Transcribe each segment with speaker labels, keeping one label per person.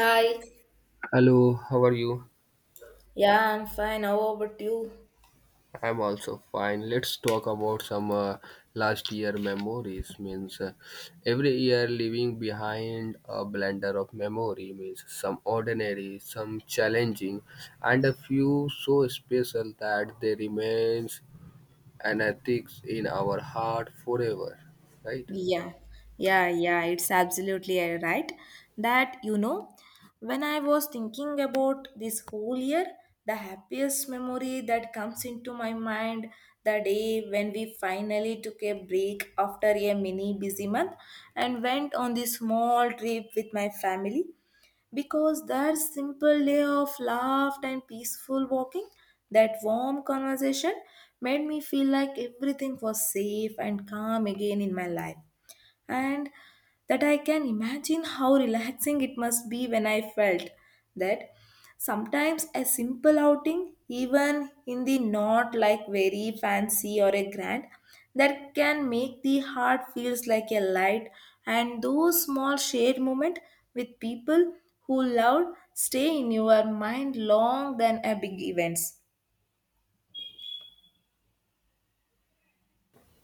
Speaker 1: Hi.
Speaker 2: Hello, how are you?
Speaker 1: Yeah, I'm fine. How about you?
Speaker 2: I'm also fine. Let's talk about some last year memories. Means every year leaving behind a blender of memory means some ordinary, some challenging, and a few so special that they remains an ethics in our heart forever, right?
Speaker 1: Yeah, yeah, yeah, it's absolutely right. That, when I was thinking about this whole year, the happiest memory that comes into my mind the day when we finally took a break after a mini busy month and went on this small trip with my family, because that simple day of laugh and peaceful walking, that warm conversation made me feel like everything was safe and calm again in my life, and that I can imagine how relaxing it must be when I felt that sometimes a simple outing, even in the not like very fancy or a grand, that can make the heart feels like a light, and those small shared moment with people who loved stay in your mind long than a big events.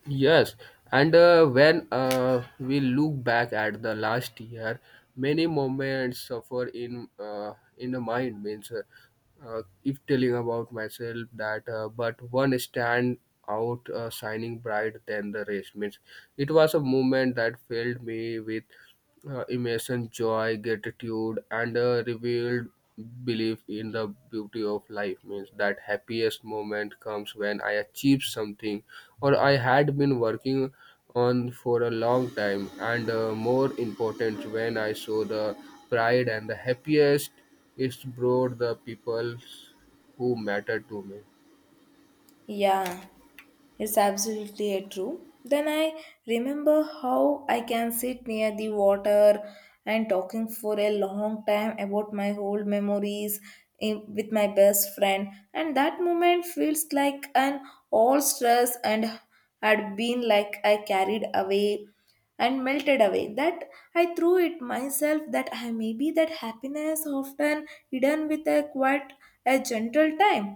Speaker 2: Yes, and when we look back at the last year, many moments suffer in the mind. Means, if telling about myself that, but one stand out shining bright than the rest. Means, it was a moment that filled me with immersion, joy, gratitude, and a revealed belief in the beauty of life means that happiest moment comes when I achieve something or I had been working on for a long time, and more important, when I show the pride and the happiest is brought the people who matter to me.
Speaker 1: Yeah, it's absolutely a true. Then I remember how I can sit near the water and talking for a long time about my old memories with my best friend, and that moment feels like an all stress and had been like I carried away and melted away, that I threw it myself, that I maybe that happiness often hidden with a quite a gentle time,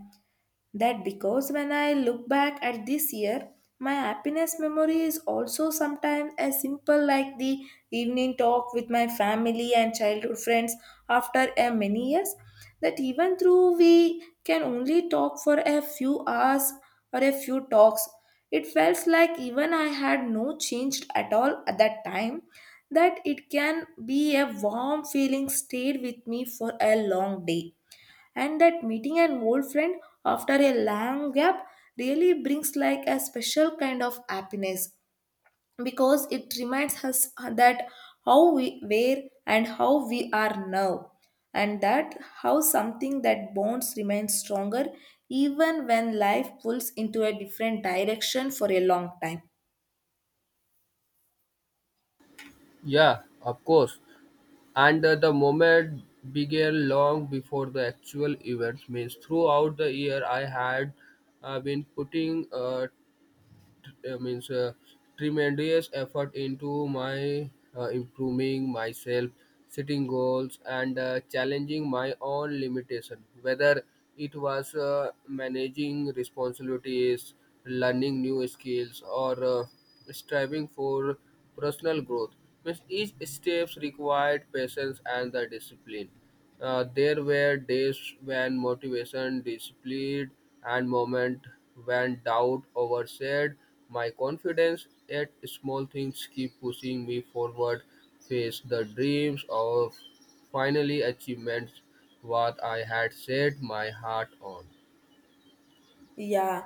Speaker 1: that because when I look back at this year, my happiness memory is also sometimes as simple like the evening talk with my family and childhood friends after a many years. That even though we can only talk for a few hours or a few talks, it felt like even I had no changed at all at that time. That it can be a warm feeling stayed with me for a long day, and that meeting an old friend after a long gap really brings like a special kind of happiness, because it reminds us that how we were and how we are now, and that how something that bonds remains stronger even when life pulls into a different direction for a long time.
Speaker 2: Yeah, of course. And the moment began long before the actual event means throughout the year I had been putting means tremendous effort into my improving myself, setting goals and challenging my own limitation, whether it was managing responsibilities, learning new skills or striving for personal growth means each steps required patience and the discipline. There were days when motivation disappeared and moments when doubt overshadowed my confidence. Yet small things keep pushing me forward, face the dreams of finally achievements what I had set my heart on.
Speaker 1: Yeah,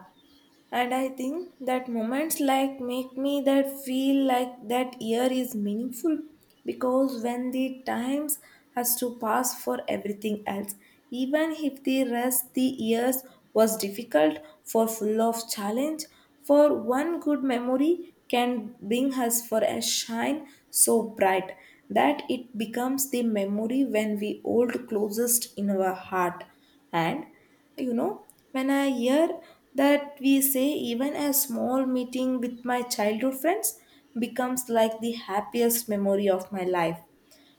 Speaker 1: and I think that moments like make me that feel like that year is meaningful, because when the times has to pass for everything else, even if the rest the years was difficult for full of challenge for one good memory can bring us for a shine so bright that it becomes the memory when we hold closest in our heart. And you know, when I hear that we say even a small meeting with my childhood friends becomes like the happiest memory of my life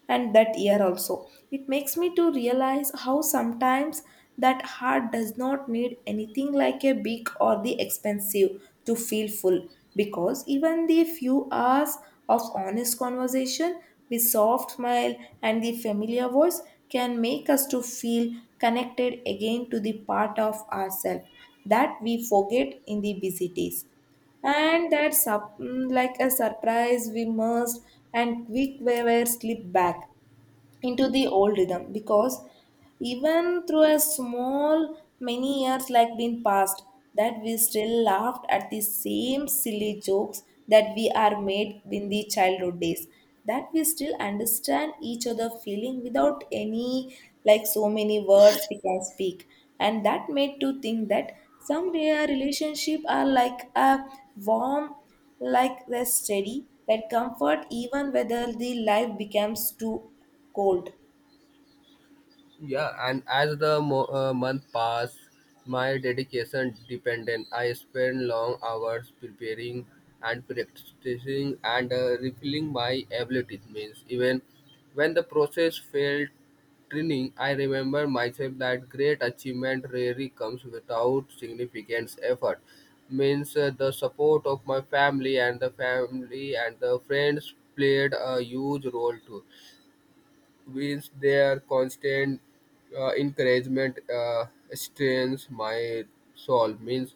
Speaker 1: and that year also. It makes me to realize how sometimes that heart does not need anything like a big or the expensive to feel full, because even the few hours of honest conversation with soft smile and the familiar voice can make us to feel connected again to the part of ourselves that we forget in the busy days, and that like a surprise we must and quick we were slip back into the old rhythm, because even through a small many years like been passed, that we still laughed at the same silly jokes that we are made in the childhood days, that we still understand each other feeling without any like so many words we can speak, and that made to think that some rare relationship are like a warm, like the steady that comfort even whether the life becomes too cold.
Speaker 2: Yeah, and as the month passed, my dedication dependent. I spent long hours preparing and practicing and refilling my abilities. Means even when the process failed training, I remember myself that great achievement rarely comes without significant effort. Means the support of my family and the friends played a huge role too. Means their constant encouragement strengthens my soul means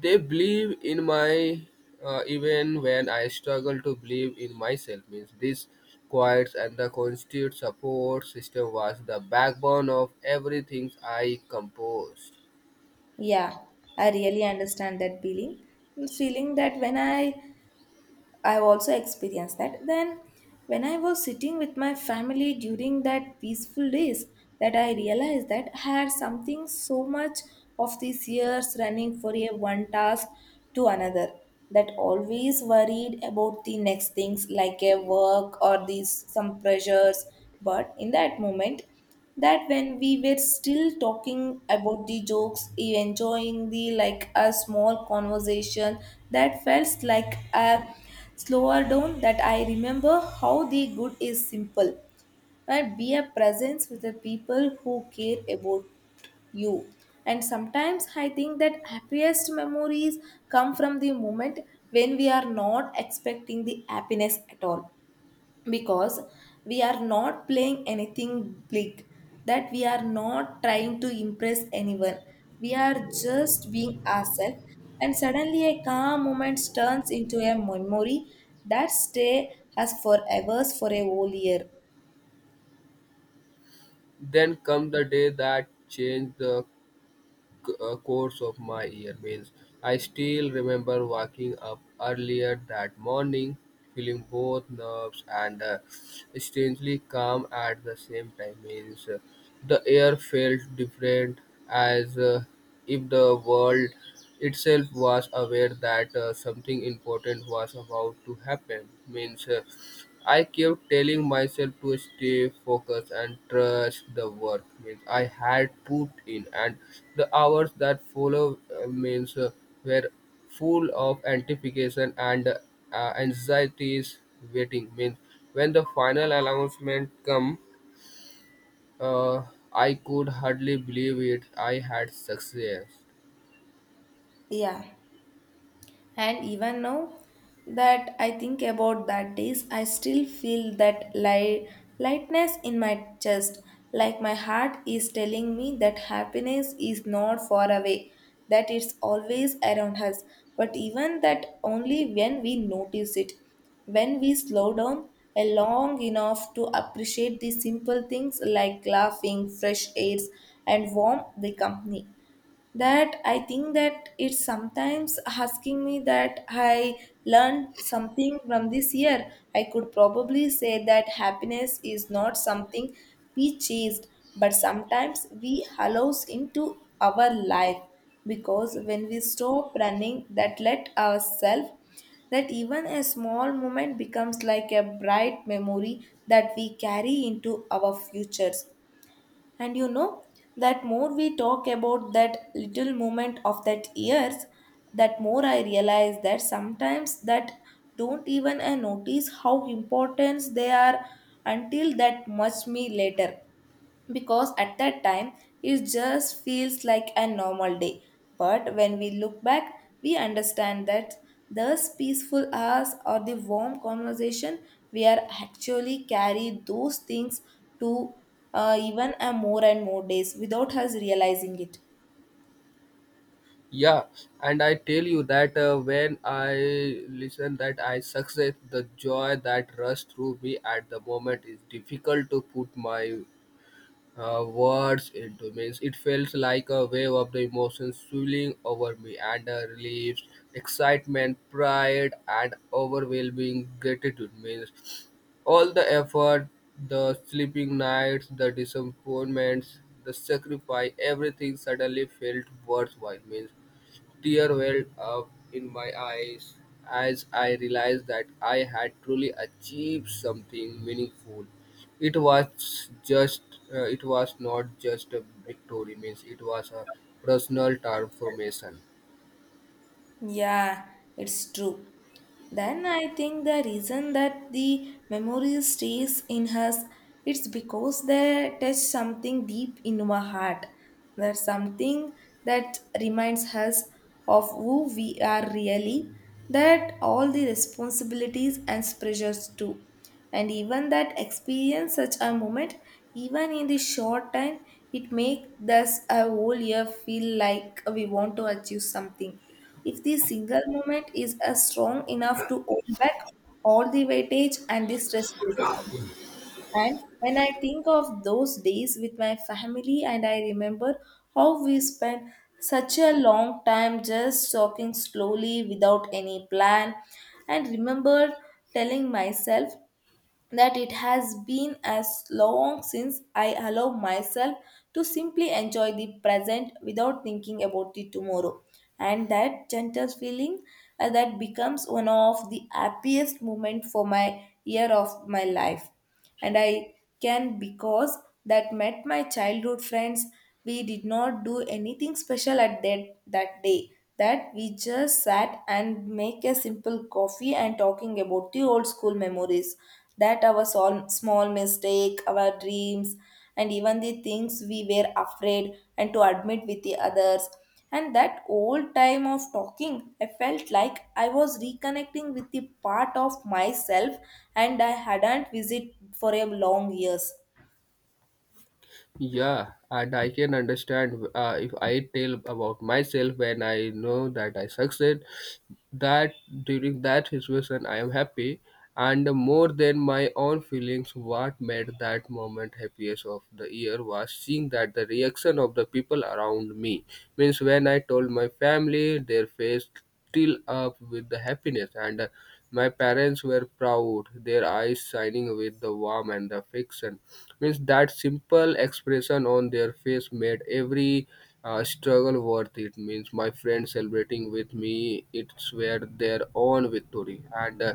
Speaker 2: they believe in my even when I struggle to believe in myself means this quiet and the constant support system was the backbone of everything I composed.
Speaker 1: Yeah, I really understand that feeling. It's feeling that when I have also experienced that, then when I was sitting with my family during that peaceful days, that I realized that I had something so much of these years running for a one task to another, that always worried about the next things like a work or these some pressures, but in that moment, that when we were still talking about the jokes enjoying the like a small conversation, that felt like a slower down, that I remember how the good is simple, right be a presence with the people who care about you. And sometimes I think that happiest memories come from the moment when we are not expecting the happiness at all, because we are not playing anything big, that we are not trying to impress anyone, we are just being ourselves, and suddenly a calm moment turns into a memory that stay has forever for a whole year.
Speaker 2: Then come the day that changed the course of my year means I still remember waking up earlier that morning, feeling both nerves and strangely calm at the same time. Means the air felt different, as if the world itself was aware that something important was about to happen. Means I kept telling myself to stay focused and trust the work. Means I had put in, and the hours that follow means were full of anticipation and anxieties waiting. Means when the final announcement come, uh, I could hardly believe it. I had success.
Speaker 1: Yeah. And even now that I think about that days, I still feel that light, lightness in my chest, like my heart is telling me that happiness is not far away, that it's always around us, but even that only when we notice it. When we slow down a long enough to appreciate the simple things like laughing, fresh airs, and warm the company, that I think that it's sometimes asking me that I learned something from this year, I could probably say that happiness is not something we chased but sometimes we allows into our life, because when we stop running that let ourselves, that even a small moment becomes like a bright memory that we carry into our futures. And you know, that more we talk about that little moment of that years, that more I realize that sometimes that don't even I notice how important they are until that much me later, because at that time it just feels like a normal day. But when we look back, we understand that those peaceful hours or the warm conversation we are actually carry those things to even a more and more days without us realizing it.
Speaker 2: Yeah, and I tell you that when I listen that I success, the joy that rushed through me at the moment is difficult to put my words into. Means it feels like a wave of the emotions swirling over me, and relief, excitement, pride, and overwhelming gratitude. Means all the effort, the sleeping nights, the disappointments, the sacrifice, everything suddenly felt worthwhile. Means tear welled up in my eyes as I realized that I had truly achieved something meaningful. It was just, it was not just a victory, means it was a personal transformation.
Speaker 1: Yeah, it's true. Then I think the reason that the memory stays in us, it's because they touch something deep in our heart. There's something that reminds us of who we are really, that all the responsibilities and pressures too, and even that experience such a moment even in the short time it makes us a whole year feel like we want to achieve something if the single moment is a strong enough to hold back all the weightage and the stressful time. And when I think of those days with my family and I remember how we spent such a long time just talking slowly without any plan, and remembered telling myself that it has been as long since I allow myself to simply enjoy the present without thinking about the tomorrow. And that gentle feeling that becomes one of the happiest moments for my year of my life, and I can because that met my childhood friends. We did not do anything special at that day. That we just sat and make a simple coffee and talking about the old school memories. That our small mistake, our dreams, and even the things we were afraid and to admit with the others. And that old time of talking, I felt like I was reconnecting with the part of myself and I hadn't visited for a long years.
Speaker 2: Yeah, and I can understand, if I tell about myself, when I know that I succeed, that during that situation I am happy, and more than my own feelings, what made that moment happiest of the year was seeing that the reaction of the people around me. Means when I told my family, their face till up with the happiness and my parents were proud, their eyes shining with the warmth and the affection means that simple expression on their face made every struggle worth it means my friends celebrating with me it's were their own victory and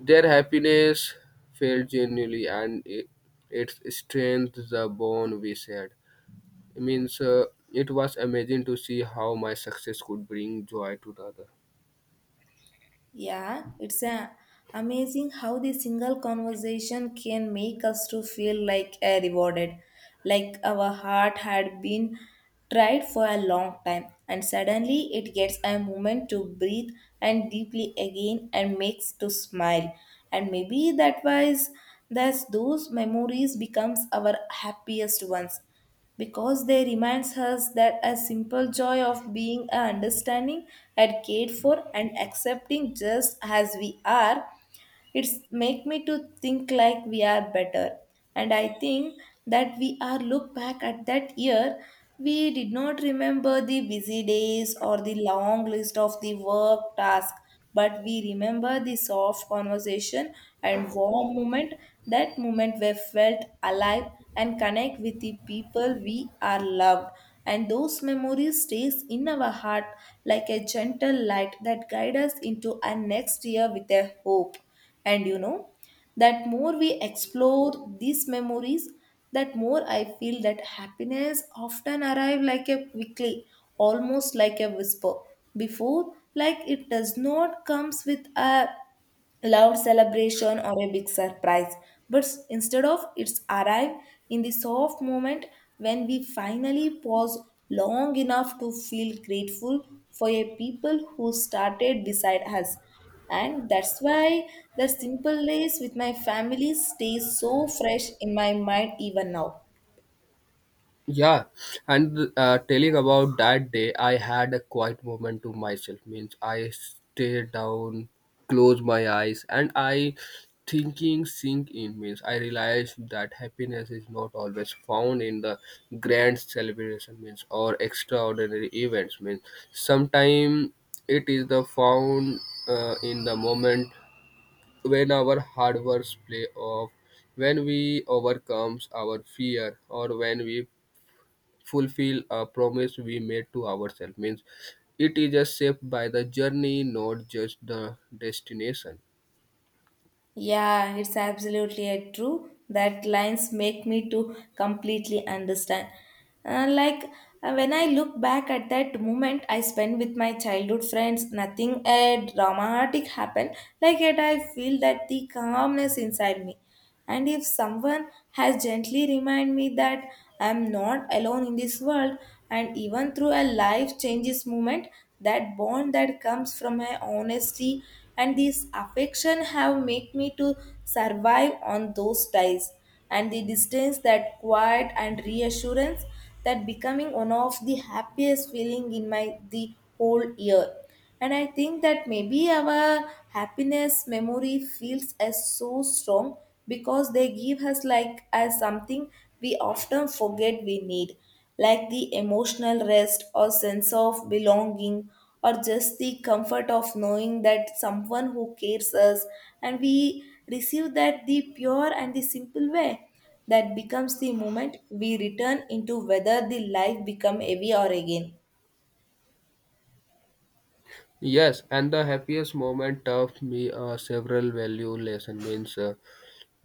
Speaker 2: their happiness felt genuinely and it strengthened the bond we shared means it was amazing to see how my success could bring joy to the other.
Speaker 1: Yeah, it's a, amazing how the single conversation can make us to feel like a rewarded, like our heart had been tried for a long time, and suddenly it gets a moment to breathe and deeply again and makes to smile, and maybe that was thus those memories becomes our happiest ones because they reminds us that a simple joy of being a understanding and cared for and accepting just as we are, it's make me to think like we are better. And I think that we are look back at that year, we did not remember the busy days or the long list of the work task, but we remember the soft conversation and warm moment, that moment we felt alive and connect with the people we are loved, and those memories stays in our heart like a gentle light that guide us into our next year with a hope. And you know, that more we explore these memories, that more I feel that happiness often arrive like a quickly, almost like a whisper. Before, like it does not comes with a loud celebration or a big surprise, but instead of it's arrive in the soft moment when we finally pause long enough to feel grateful for a people who started beside us, and that's why the simple days with my family stays so fresh in my mind even now.
Speaker 2: Yeah, and telling about that day, I had a quiet moment to myself. Means I stayed down, closed my eyes, and I thinking sink in. Means I realized that happiness is not always found in the grand celebration. Means or extraordinary events. Means sometimes it is the found in the moment when our hard works play off, when we overcomes our fear or when we fulfill a promise we made to ourselves means it is just shaped by the journey, not just the destination.
Speaker 1: Yeah, it's absolutely a true that lines make me to completely understand. Like when I look back at that moment I spent with my childhood friends, nothing dramatic happened. Like yet I feel that the calmness inside me. And if someone has gently reminded me that I am not alone in this world, and even through a life changes moment, that bond that comes from my honesty and this affection have make me to survive on those days. And the distance, that quiet and reassurance, that becoming one of the happiest feeling in my the whole year, and I think that maybe our happiness memory feels as so strong because they give us like as something we often forget we need, like the emotional rest or sense of belonging or just the comfort of knowing that someone who cares us and we receive that the pure and the simple way that becomes the moment we return into whether the life become heavy or again.
Speaker 2: Yes, and the happiest moment taught me several value lesson means uh,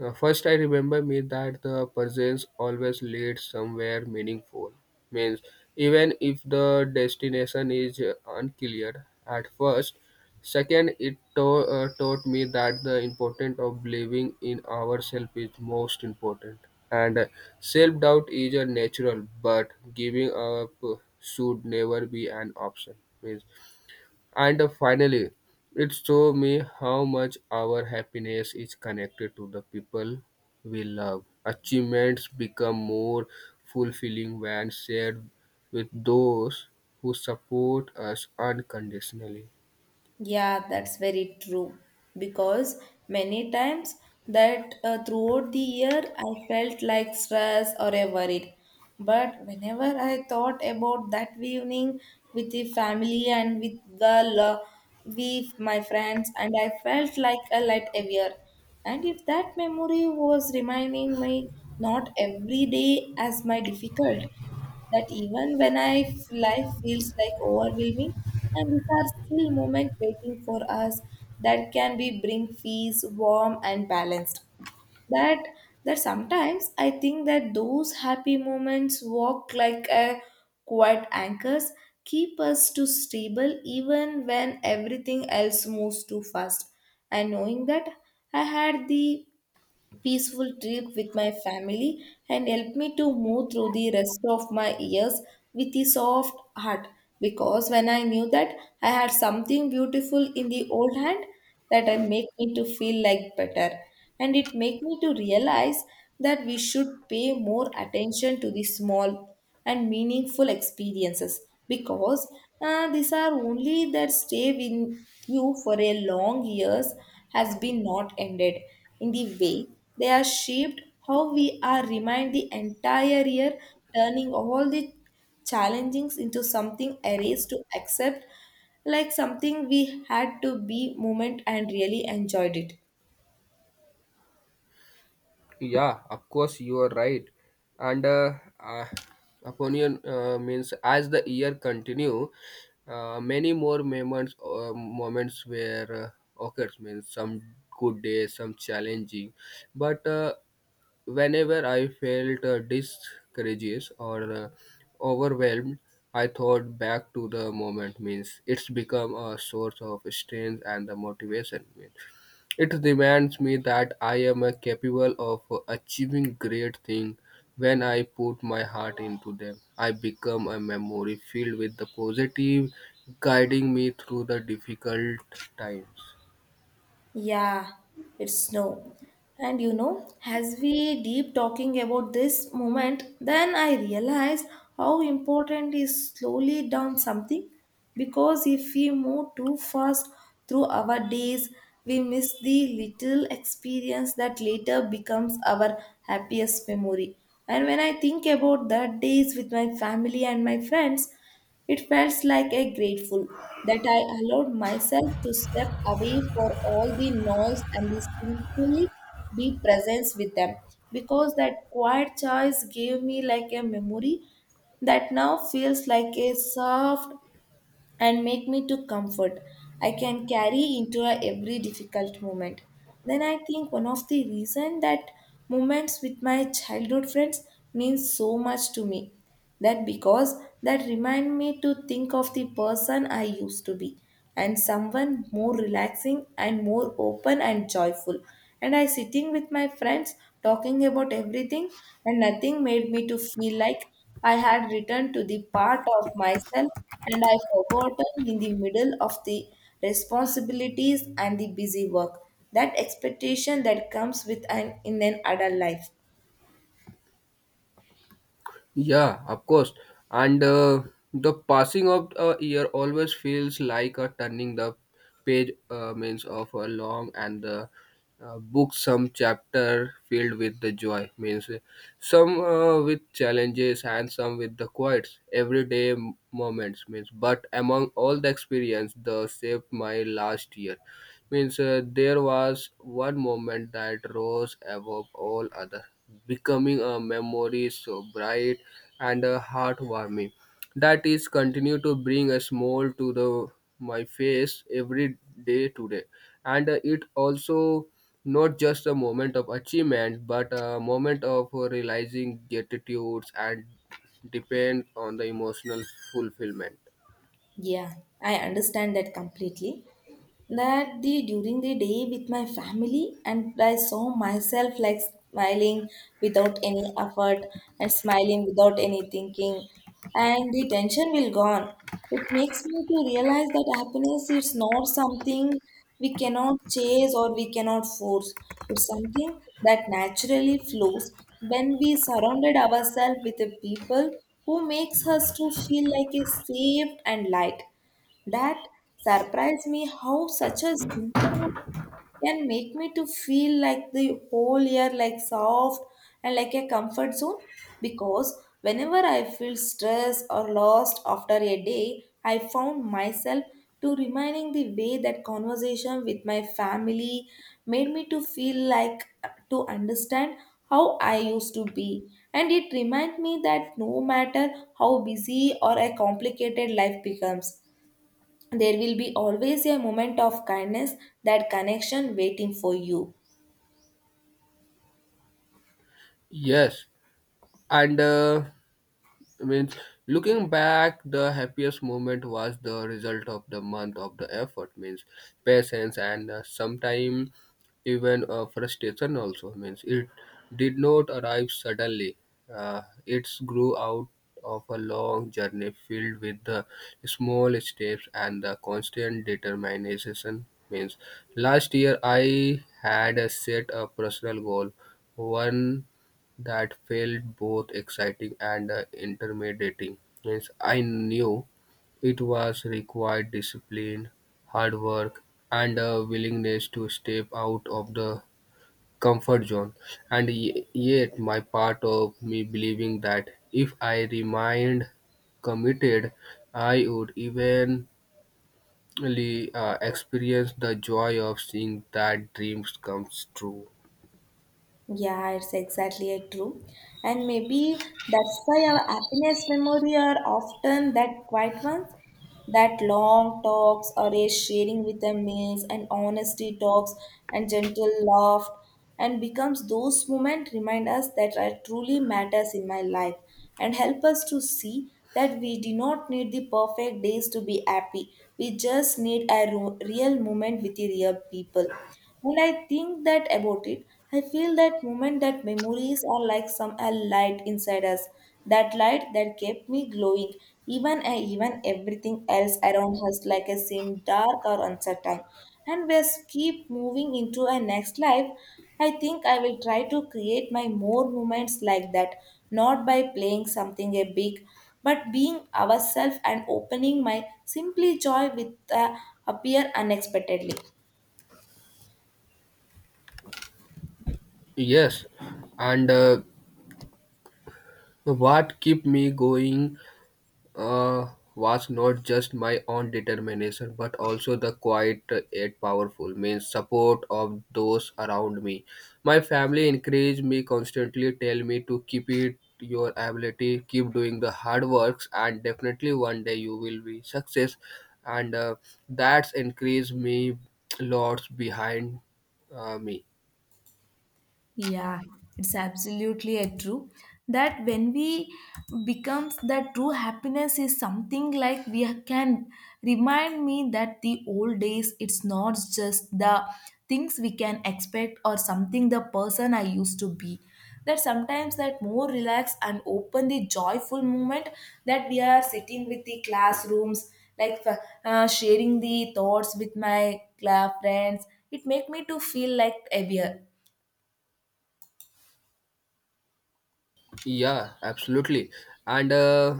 Speaker 2: Uh, first, I remember me that the presence always leads somewhere meaningful. Means even if the destination is unclear at first. Second, it taught me that the importance of believing in ourselves is most important. And self-doubt is a natural, but giving up should never be an option. Means and finally, it showed me how much our happiness is connected to the people we love. Achievements become more fulfilling when shared with those who support us unconditionally.
Speaker 1: Yeah, that's very true. Because many times that throughout the year I felt like stressed or worried. But whenever I thought about that evening with the family and with girl, with my friends, and I felt like a light heavier. And if that memory was reminding me not every day as my difficult, that even when life feels like overwhelming, and these are still moments waiting for us that can be bring peace, warm and balanced. That that sometimes I think that those happy moments walk like a quiet anchors, keep us to stable even when everything else moves too fast. And knowing that I had the peaceful trip with my family and helped me to move through the rest of my years with a soft heart, because when I knew that I had something beautiful in the old hand, that I make me to feel like better and it make me to realize that we should pay more attention to the small and meaningful experiences, because these are only that stay with you for a long years has been not ended in the way they are shaped how we are remind the entire year, turning all the challengings into something erased to accept, like something we had to be moment and really enjoyed it.
Speaker 2: Yeah, of course you are right. And uh, opinion means as the year continue, many more moments where occurs means some good days, some challenging, but whenever I felt discouraged or overwhelmed, I thought back to the moment means it's become a source of strength and the motivation. It reminds me that I am capable of achieving great things when I put my heart into them. I become a memory filled with the positive, guiding me through the difficult times.
Speaker 1: Yeah, it's snow. And you know, as we deep talking about this moment, then I realized how important is slowly down something, because if we move too fast through our days, we miss the little experience that later becomes our happiest memory. And when I think about that days with my family and my friends, it felt like a grateful that I allowed myself to step away for all the noise and the simply be present with them, because that quiet choice gave me like a memory that now feels like a soft and make me to comfort I can carry into a every difficult moment. Then I think one of the reason that moments with my childhood friends means so much to me, that because that remind me to think of the person I used to be and someone more relaxing and more open and joyful, and I sitting with my friends talking about everything and nothing made me to feel like I had returned to the part of myself and I forgotten in the middle of the responsibilities and the busy work that expectation that comes with an in an adult life.
Speaker 2: Yeah, of course. And the passing of a year always feels like a turning the page means of a long and the book, some chapter filled with the joy means some with challenges and some with the quiet everyday moments means but among all the experience the saved my last year. Means there was one moment that rose above all other, becoming a memory so bright and heartwarming that is continue to bring a smile to the my face every day today, and it also not just a moment of achievement but a moment of realizing gratitudes and depend on the emotional fulfillment.
Speaker 1: Yeah, I understand that completely. That the during the day with my family and I saw myself like smiling without any effort and smiling without any thinking, and the tension will gone. It makes me to realize that happiness is not something we cannot chase or we cannot force. It's something that naturally flows when we surrounded ourselves with the people who makes us to feel like a safe and light. That surprised me how such a simple one can make me to feel like the whole year like soft and like a comfort zone, because whenever I feel stressed or lost after a day, I found myself to reminding the way that conversation with my family made me to feel like to understand how I used to be. And it reminds me that no matter how busy or a complicated life becomes, there will be always a moment of kindness that connection waiting for you.
Speaker 2: Yes, and. I mean, looking back, the happiest moment was the result of the month of the effort, means patience and sometimes even frustration also means it did not arrive suddenly. It grew out of a long journey filled with the small steps and the constant determination. Means last year I had set a personal goal, one that felt both exciting and intimidating. Means I knew it was required discipline, hard work, and a willingness to step out of the comfort zone. And yet, my part of me believing that if I remained committed, I would eventually experience the joy of seeing that dreams comes true.
Speaker 1: Yeah, it's exactly a true. And maybe that's why our happiness memory are often that quiet ones, that long talks or a sharing with the meals and honesty talks and gentle laugh, and becomes those moments remind us that I truly matters in my life and help us to see that we do not need the perfect days to be happy. We just need a real moment with the real people. When I think that about it, I feel that moment that memories are like some a light inside us. That light that kept me glowing, even everything else around us like a seemed dark or uncertain, and we keep moving into a next life. I think I will try to create my more moments like that, not by playing something a big, but being ourselves and opening my simply joy with appear unexpectedly.
Speaker 2: Yes, and. What kept me going uh, was not just my own determination, but also the quiet yet powerful means support of those around me. My family encouraged me constantly, tell me to keep it your ability, keep doing the hard works, and definitely one day you will be success. And that's encouraged me lots behind me.
Speaker 1: Yeah, it's absolutely a true, that when we becomes that true happiness is something like we can remind me that the old days it's not just the things we can expect or something the person I used to be. That sometimes that more relaxed and open the joyful moment that we are sitting with the classrooms, like sharing the thoughts with my friends. It make me to feel like heavier.
Speaker 2: Yeah, absolutely. And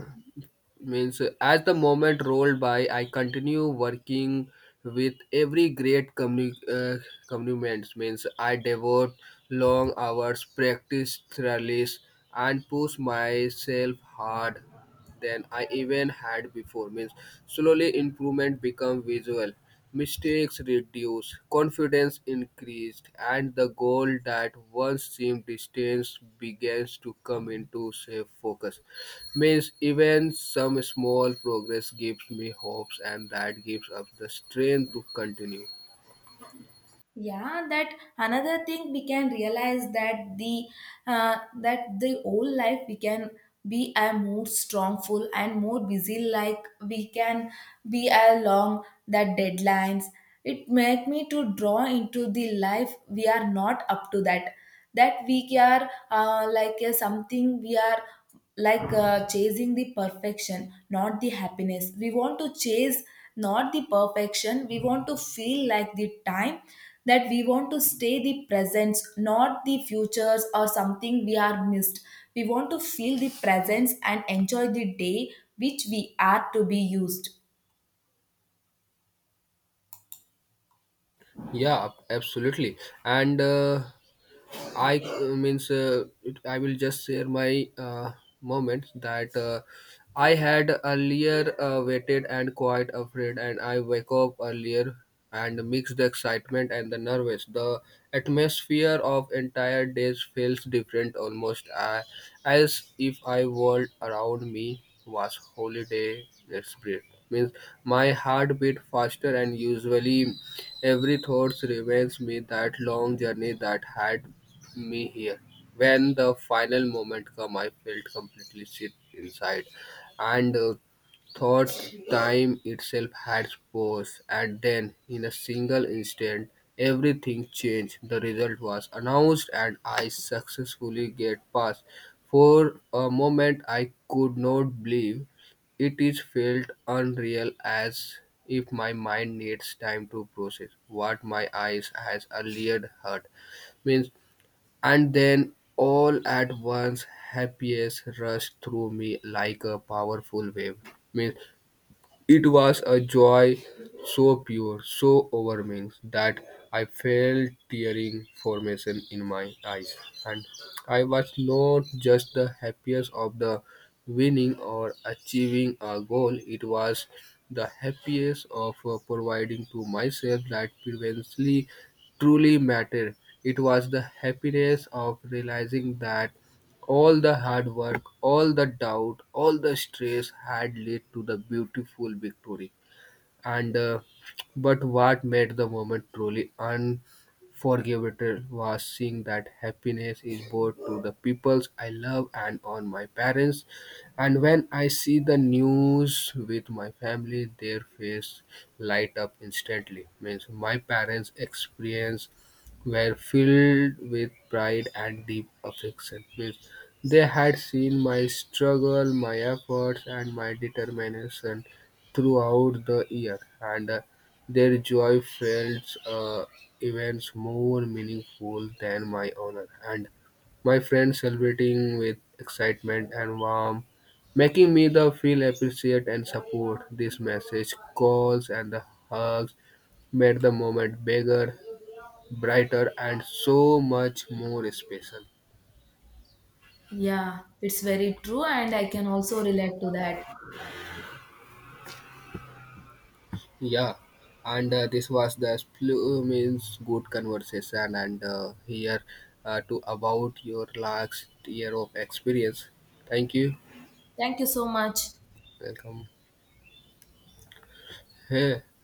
Speaker 2: means as the moment rolled by, I continue working with every great commitment. Means I devote long hours, practice thoroughly, and push myself hard than I even had before. Means slowly improvement become visual, mistakes reduced, confidence increased, and the goal that once seemed distant begins to come into safe focus. Means even some small progress gives me hopes, and that gives us the strength to continue.
Speaker 1: Yeah, that another thing we can realize, that the whole life we can be a more strongful and more busy, like we can be along that deadlines. It make me to draw into the life we are not up to that, that we are like a something we are like chasing the perfection, not the happiness we want to chase, not the perfection we want to feel like the time that we want to stay the presence, not the futures or something we are missed. We want to feel the presence and enjoy the day which we are to be used.
Speaker 2: Yeah, absolutely. And I will just share my moment that I had earlier waited and quite afraid, and I wake up earlier and mix the excitement and the nervous. The atmosphere of entire days feels different, almost as if I world around me was holiday spirit. Means my heart beat faster and usually every thought reminds me that long journey that had me here. When the final moment come, I felt completely sick inside, and thought time itself had paused. And then, in a single instant, everything changed. The result was announced, and I successfully get past. For a moment, I could not believe it is felt unreal as if my mind needs time to process what my eyes has earlier heard means, and then, all at once, happiness rushed through me like a powerful wave. Means it was a joy so pure, so overwhelming that I felt tearing formation in my eyes, and I was not just the happiest of the winning or achieving a goal, it was the happiest of providing to myself that previously truly mattered. It was the happiness of realizing that all the hard work, all the doubt, all the stress had led to the beautiful victory and but what made the moment truly unforgettable was seeing that happiness is brought to the peoples I love and on my parents. And when I see the news with my family, their face light up instantly. Means my parents' experience were filled with pride and deep affection. Means they had seen my struggle, my efforts, and my determination throughout the year, and their joy felt events more meaningful than my honor and my friends celebrating with excitement and warmth, making me the feel appreciate and support. This message calls and the hugs made the moment bigger, brighter, and so much more special.
Speaker 1: Yeah, it's very true and I can also relate to that.
Speaker 2: Yeah, and this was the Splu means good conversation, and here to about your last year of experience. Thank you.
Speaker 1: Thank you so much.
Speaker 2: Welcome. Hey.